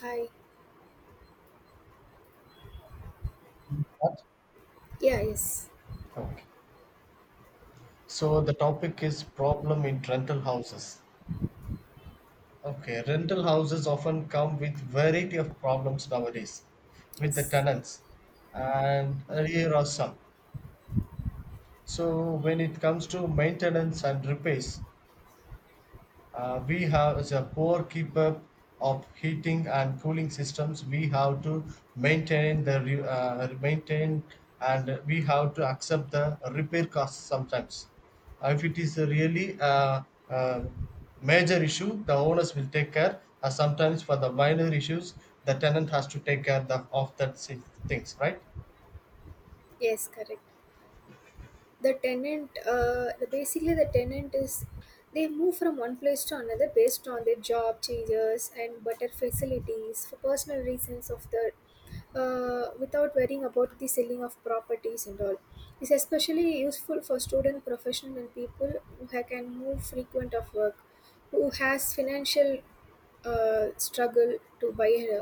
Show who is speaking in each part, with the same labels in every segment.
Speaker 1: Hi. Yeah, yes.
Speaker 2: Okay. So the topic is problem in rental houses. Okay, rental houses often come with variety of problems nowadays with the
Speaker 1: Yes.
Speaker 2: tenants, and here are some. So when it comes to maintenance and repairs, we have the poor keep up of heating and cooling systems we have to maintain the maintain and we have to accept the repair costs sometimes. If it is a really uh, major issue, the owners will take care, sometimes for the minor issues the tenant has to take care the, of that things, right?
Speaker 1: Yes, correct. The tenant, the basically the tenant is they move from one place to another based on their job changes and better facilities for personal reasons of the without worrying about the selling of properties and all. It's especially useful for student, professional and people who can move frequent of work, who has financial struggle to buy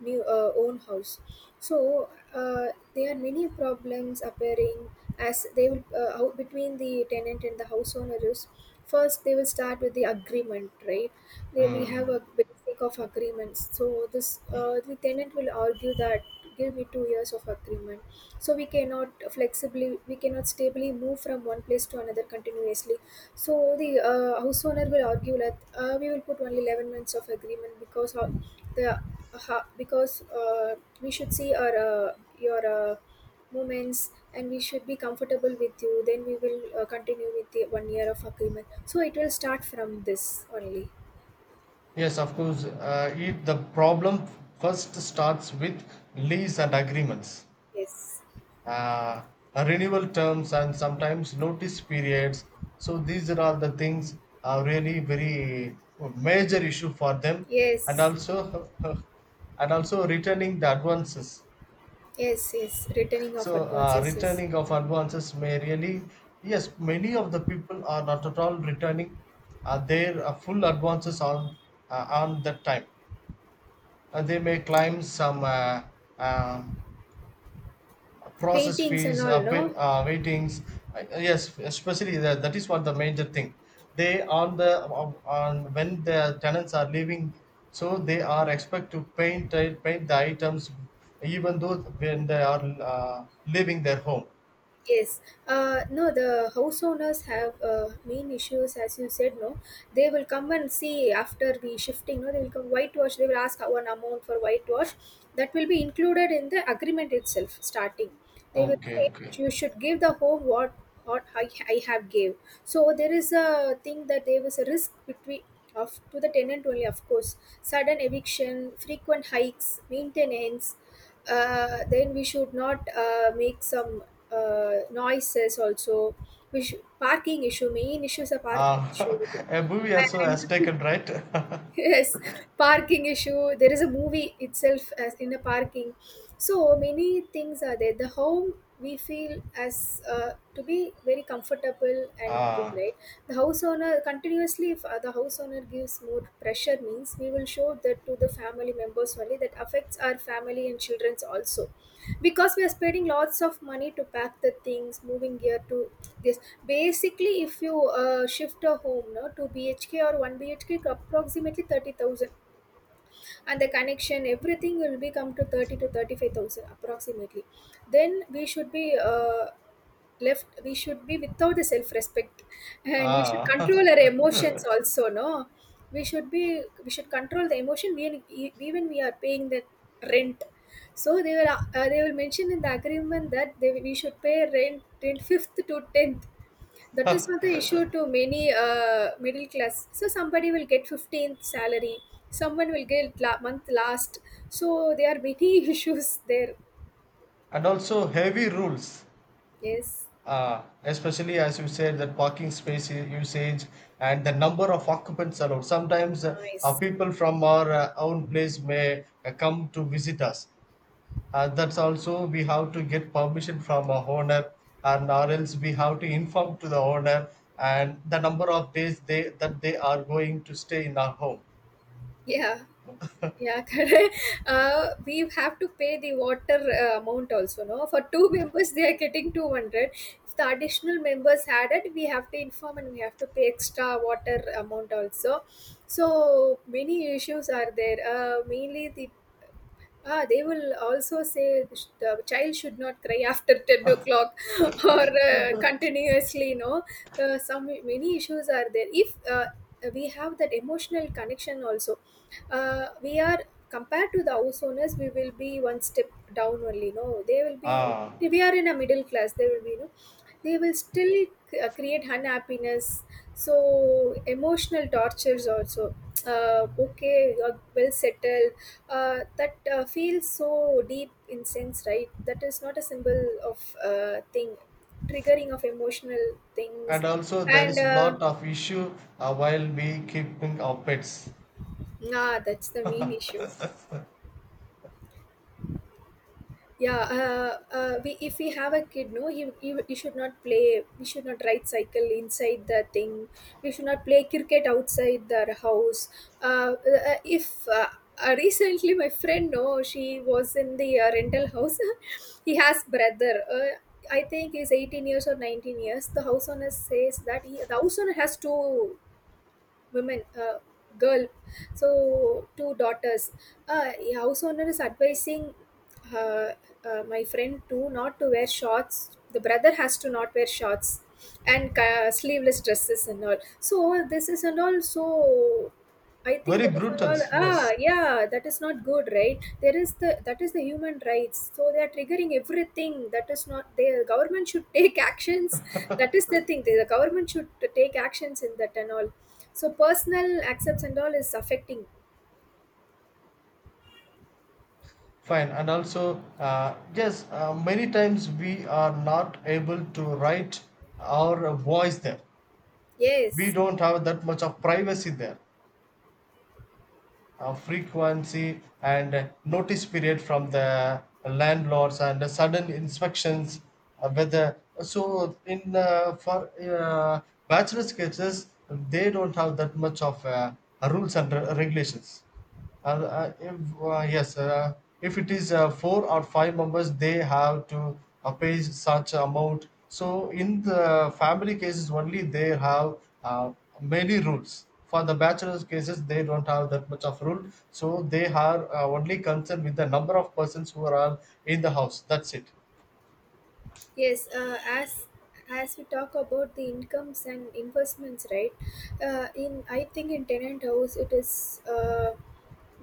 Speaker 1: new own house so uh, there are many problems appearing as they will between the tenant and the house owner is first they will start with the agreement, right? They, we have a basic of agreements, so this the tenant will argue that give me 2 years of agreement, so we cannot flexibly, we cannot stably move from one place to another continuously. So the house owner will argue that we will put only 11 months of agreement. Because how the because we should see our your moments and we should be comfortable with you. Then we will continue with the one year of agreement. So it will start from this only.
Speaker 2: Yes, of course, it, the problem first starts with lease and agreements,
Speaker 1: Yes.
Speaker 2: uh, renewal terms and sometimes notice periods. So these are all the things are really very major issue for them, and
Speaker 1: Yes,
Speaker 2: also and also returning the advances.
Speaker 1: yes. Returning of
Speaker 2: So
Speaker 1: advances, yes.
Speaker 2: returning of advances may really, yes, many of the people are not at all returning their full advances on, on that time. They may claim some uh, process
Speaker 1: Paintings and
Speaker 2: fees,
Speaker 1: all, no.
Speaker 2: waitings. Yes, especially that, that is what the major thing. They on the on when the tenants are leaving, so they are expect to paint, paint the items, even though when they are leaving their home.
Speaker 1: Yes. No, the house owners have main issues, as you said. No, they will come and see after the shifting. No, they will come whitewash. They will ask one amount for whitewash. That will be included in the agreement itself. Starting, they will
Speaker 2: Okay,
Speaker 1: say
Speaker 2: okay.
Speaker 1: you should give the home what what I have gave. So there is a thing that there was a risk between of to the tenant only. Of course, sudden eviction, frequent hikes, maintenance. Then we should not make some noises also, which parking issue, main issue is a parking issue
Speaker 2: Uh, a movie also
Speaker 1: and
Speaker 2: has taken, right?
Speaker 1: yes, parking issue. There is a movie itself as in a parking. So many things are there. The home we feel as to be very comfortable and thing,
Speaker 2: ah,
Speaker 1: right. The house owner continuously, if the house owner gives more pressure, means we will show that to the family members only. That affects our family and childrens also, because we are spending lots of money to pack the things, moving here to this. Basically, if you shift a home, no, to bhk or 1 bhk approximately 30,000 and the connection everything will be come to 30 to 35,000 approximately. Then we should be left, we should be without the self respect, and we should
Speaker 2: ah,
Speaker 1: control our emotions also, no, we should control the emotion when even we are paying the rent. So they will they will mention in the agreement that they, we should pay rent in 5th to 10th. That is not the issue to many middle class. So somebody will get 15th salary, someone will get month last. So there are many issues there.
Speaker 2: and also heavy rules.
Speaker 1: Yes.
Speaker 2: Especially as you said, that parking space usage and the number of occupants allowed sometimes,
Speaker 1: Nice.
Speaker 2: people from our own place may come to visit us. That's also we have to get permission from our owner, and or else we have to inform to the owner and the number of days they that they are going to stay in our home.
Speaker 1: Yeah, yeah, correct. We have to pay the water amount also, no? For two members, they are getting 200. If the additional members added, we have to inform and we have to pay extra water amount also. So many issues are there. Mainly the, ah, they will also say the child should not cry after 10 o'clock or continuously, you know. Some many issues are there. If We have that emotional connection also, we are compared to the house owners, we will be one step down only, no. They will be,
Speaker 2: uh,
Speaker 1: we are in a middle class, they will be, no, they will still create unhappiness, so emotional tortures also. Okay, well settled, that feels so deep in sense, right? That is not a symbol of thing, triggering of emotional things.
Speaker 2: and also there
Speaker 1: And
Speaker 2: is a lot of issue while we keeping our pets.
Speaker 1: nah, that's the main issue. Yeah, we, if we have a kid, no, he should not play, we should not ride cycle inside the thing, we should not play cricket outside the house. If Recently my friend, no, she was in the rental house. He has brother I think he's 18 years or 19 years. The house owner says that the house owner has two women girl, so two daughters. A house owner is advising uh, my friend to not to wear shorts, the brother has to not wear shorts and sleeveless dresses and all. So this is and all, so I think
Speaker 2: Very
Speaker 1: that is and
Speaker 2: brutal,
Speaker 1: all,
Speaker 2: yes.
Speaker 1: ah, yeah, that is not good, right? There is the, that is the human rights, so they are triggering everything. That is not, the government should take actions. That is the thing, the government should take actions in that and all. So personal accepts and all is affecting.
Speaker 2: Fine, and also, yes, many times we are not able to write our voice there. We
Speaker 1: Yes.
Speaker 2: don't have that much of privacy there. Frequency and notice period from the landlords and the sudden inspections, whether so in for bachelor's cases they don't have that much of rules and regulations. And, if, yes, if it is four or five members, they have to pay such amount. So in the family cases only, they have uh, many rules. For the bachelor's cases, they don't have that much of rule. So they are only concerned with the number of persons who are in the house. That's it.
Speaker 1: Yes, as we talk about the incomes and investments, right? In I think in tenant house it is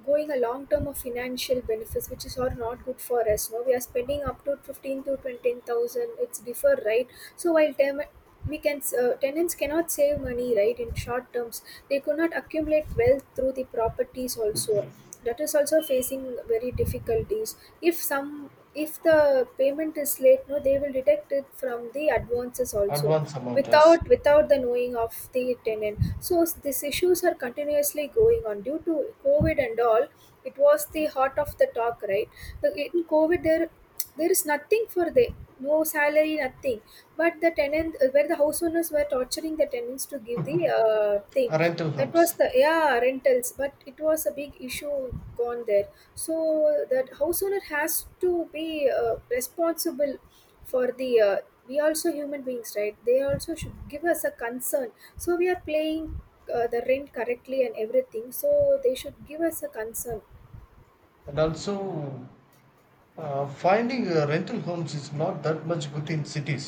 Speaker 1: going a long term of financial benefits, which is all not good for us. No, we are spending up to 15 to 20 thousand. It's deferred, right? So while term we can tenants cannot save money, right, in short terms. They could not accumulate wealth through the properties also. That is also facing very difficulties. If some, if the payment is late, no, they will detect it from the advances also,
Speaker 2: Advance amount is
Speaker 1: without the knowing of the tenant. So these issues are continuously going on due to covid and all. It was the heart of the talk, right. In covid, there is nothing for the, no salary, nothing. But the tenant, where the house owners were torturing the tenants to give the thing.
Speaker 2: rental
Speaker 1: That was
Speaker 2: homes.
Speaker 1: the, yeah, rentals. But it was a big issue gone there. So that house owner has to be responsible for the we also human beings, right, they also should give us a concern. So we are paying the rent correctly and everything, so they should give us a concern.
Speaker 2: And also, finding rental homes is not that much good in cities.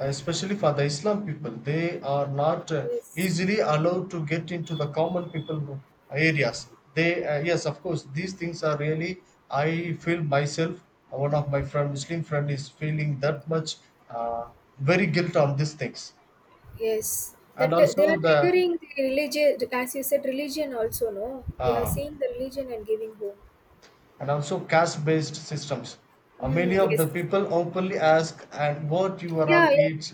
Speaker 2: Especially for the Islam people, they are not
Speaker 1: Yes.
Speaker 2: easily allowed to get into the common people areas. They, yes, of course, these things are really, I feel myself, one of my friend, Muslim friend is feeling that much uh, very guilt on these things.
Speaker 1: Yes, that
Speaker 2: And
Speaker 1: they
Speaker 2: also
Speaker 1: are
Speaker 2: the,
Speaker 1: triggering the religion, as you said, religion also, no, they are
Speaker 2: uh,
Speaker 1: seeing the religion and giving home.
Speaker 2: and also caste-based systems.
Speaker 1: Mm,
Speaker 2: Many of the
Speaker 1: yes.
Speaker 2: people openly ask, and what you are all
Speaker 1: Yeah, yeah,
Speaker 2: eat.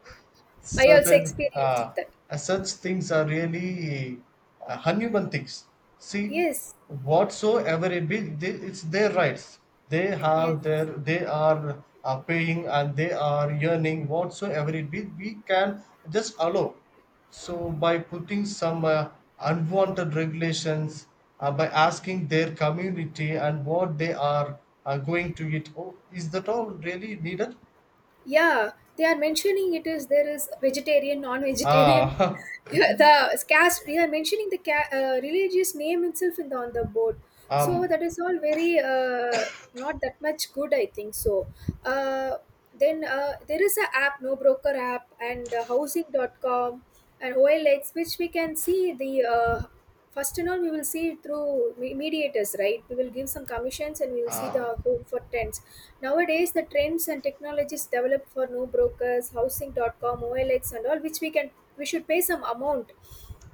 Speaker 1: I also
Speaker 2: Certain
Speaker 1: experienced that.
Speaker 2: such things are really uneven things. See,
Speaker 1: Yes,
Speaker 2: whatsoever it be, they, it's their rights. They
Speaker 1: yes.
Speaker 2: have their, they are paying and they are earning whatsoever it be. We can just allow. So by putting some unwanted regulations, by asking their community and what they are going to eat, oh, is that all really needed?
Speaker 1: Yeah, they are mentioning it is there is vegetarian, non-vegetarian.
Speaker 2: Ah,
Speaker 1: Yeah, the caste, they are mentioning the religious name itself in the, on the board. So
Speaker 2: um,
Speaker 1: that is all very not that much good, I think. So uh, then there is a app, no, broker app, and housing.com and OLX, which we can see the first and all we will see through mediators, right? We will give some commissions and we will see
Speaker 2: uh,
Speaker 1: the home for tents. Nowadays, the trends and technologies developed for new brokers, housing.com, OLX, and all, which we should pay some amount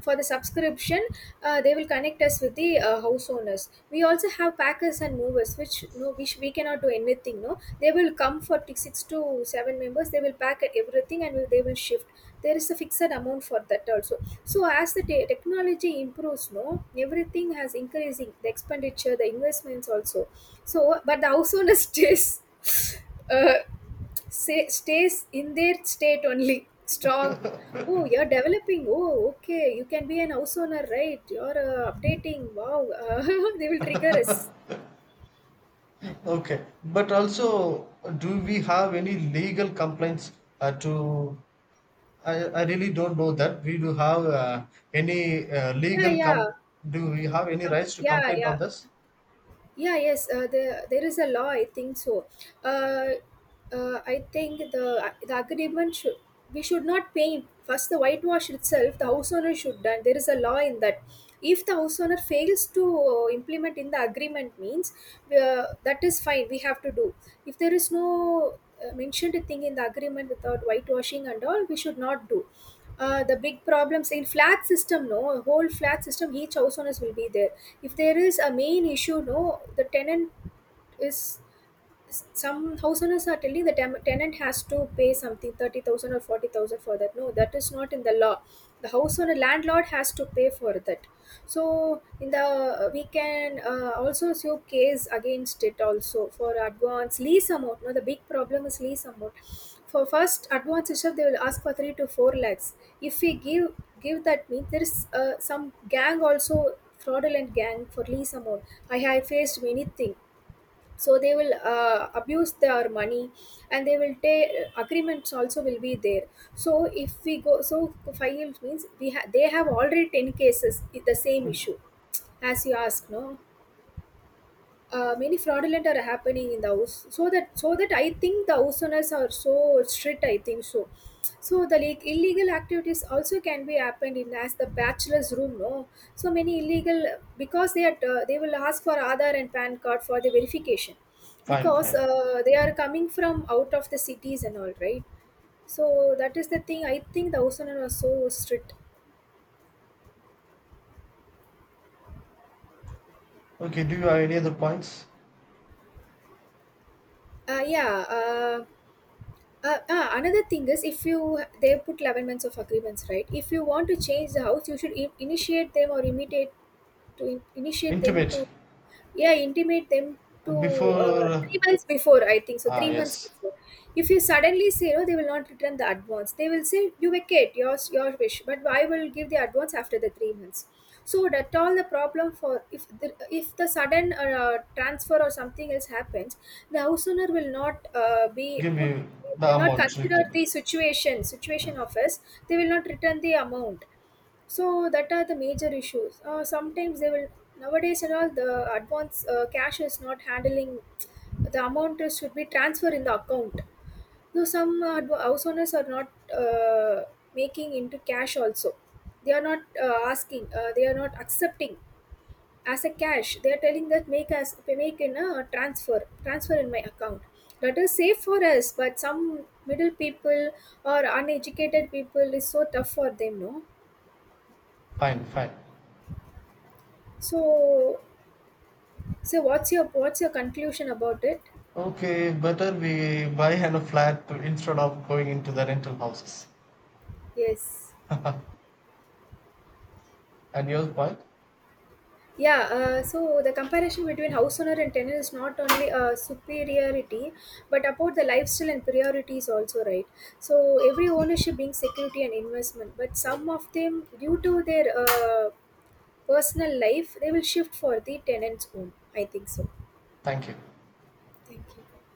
Speaker 1: for the subscription. They will connect us with the house owners. We also have packers and movers, which no, which we cannot do anything. No, they will come for six to seven members. They will pack everything and they will shift. There is a fixed amount for that also. So as the technology improves, no, everything has increasing the expenditure, the investments also. So but the house owner stays, uh, stays in their state only, strong. Oh, you're developing, oh okay, you can be an house owner, right? You're updating, wow. They will trigger us.
Speaker 2: Okay, but also, do we have any legal complaints to? I really don't know that. We do have any
Speaker 1: Yeah,
Speaker 2: legal
Speaker 1: yeah.
Speaker 2: com. Do we have any rights to
Speaker 1: Yeah,
Speaker 2: complain on
Speaker 1: yeah,
Speaker 2: this?
Speaker 1: yeah, yes, there is a law I think so. uh, I think the agreement should, we should not paint first, the whitewash itself the house owner should done. There is a law in that. If the house owner fails to implement in the agreement, means that is fine, we have to do. If there is no mentioned thing in the agreement, without whitewashing and all, we should not do. The big problems in flat system, no, whole flat system, each house owners will be there. If there is a main issue, no, the tenant is, some house owners are telling the tenant has to pay something 30,000 or 40,000 for that. No, that is not in the law. The house owner, landlord has to pay for that. So in the, we can also sue case against it also for advance lease amount, no, the big problem is lease amount. For first advance itself they will ask for 3 to 4 lakhs. If we give, that means there is some gang also, fraudulent gang for lease amount. I have faced many thing. So they will abuse their money, and they will take, agreements also will be there. So if we go, so files means, they have already 10 cases with the same issue. As you ask, no, many fraudulent are happening in the house. So that I think the house owners are so strict, I think so. So the, like illegal activities also can be happened in as the bachelor's room, no. So many illegal, because they are they will ask for aadhaar and pan card for the verification,
Speaker 2: Fine,
Speaker 1: because
Speaker 2: fine.
Speaker 1: they are coming from out of the cities and all, right. So that is the thing, I think the house owner was so strict.
Speaker 2: Okay, do you have any other points?
Speaker 1: Yeah, uh, another thing is, if you, they put 11 months of agreements, right? If you want to change the house, you should initiate them, or immediate to initiate them
Speaker 2: Intimate
Speaker 1: to, yeah, intimate them to,
Speaker 2: before.
Speaker 1: 3 months before, I think so,
Speaker 2: Ah,
Speaker 1: 3 months
Speaker 2: yes.
Speaker 1: before. If you suddenly say, no, they will not return the advance. They will say you vacate your wish, but I will give the advance after the 3 months. So that all the problem, for if if the sudden transfer or something else happens, the house owner will not be
Speaker 2: Give
Speaker 1: put,
Speaker 2: me the
Speaker 1: will not
Speaker 2: amount
Speaker 1: consider
Speaker 2: written.
Speaker 1: the situation of us, they will not return the amount. So that are the major issues. Sometimes they will, nowadays and all, the advance cash is not handling. The amount should be transferred in the account. Though some house owners are not uh, making into cash also. They are not asking, they are not accepting as a cash. They are telling that make us make in a transfer, transfer in my account. That is safe for us, but some middle people or uneducated people is so tough for them, no.
Speaker 2: Fine, fine.
Speaker 1: So, so what's your conclusion about it?
Speaker 2: Okay, better we buy an a flat instead of going into the rental houses.
Speaker 1: Yes.
Speaker 2: And your point?
Speaker 1: Yeah, so the comparison between house owner and tenant is not only a superiority, but about the lifestyle and priorities also, right? So every ownership being security and investment, but some of them, due to their personal life, they will shift for the tenant's home, I think so.
Speaker 2: Thank you.
Speaker 1: Thank you.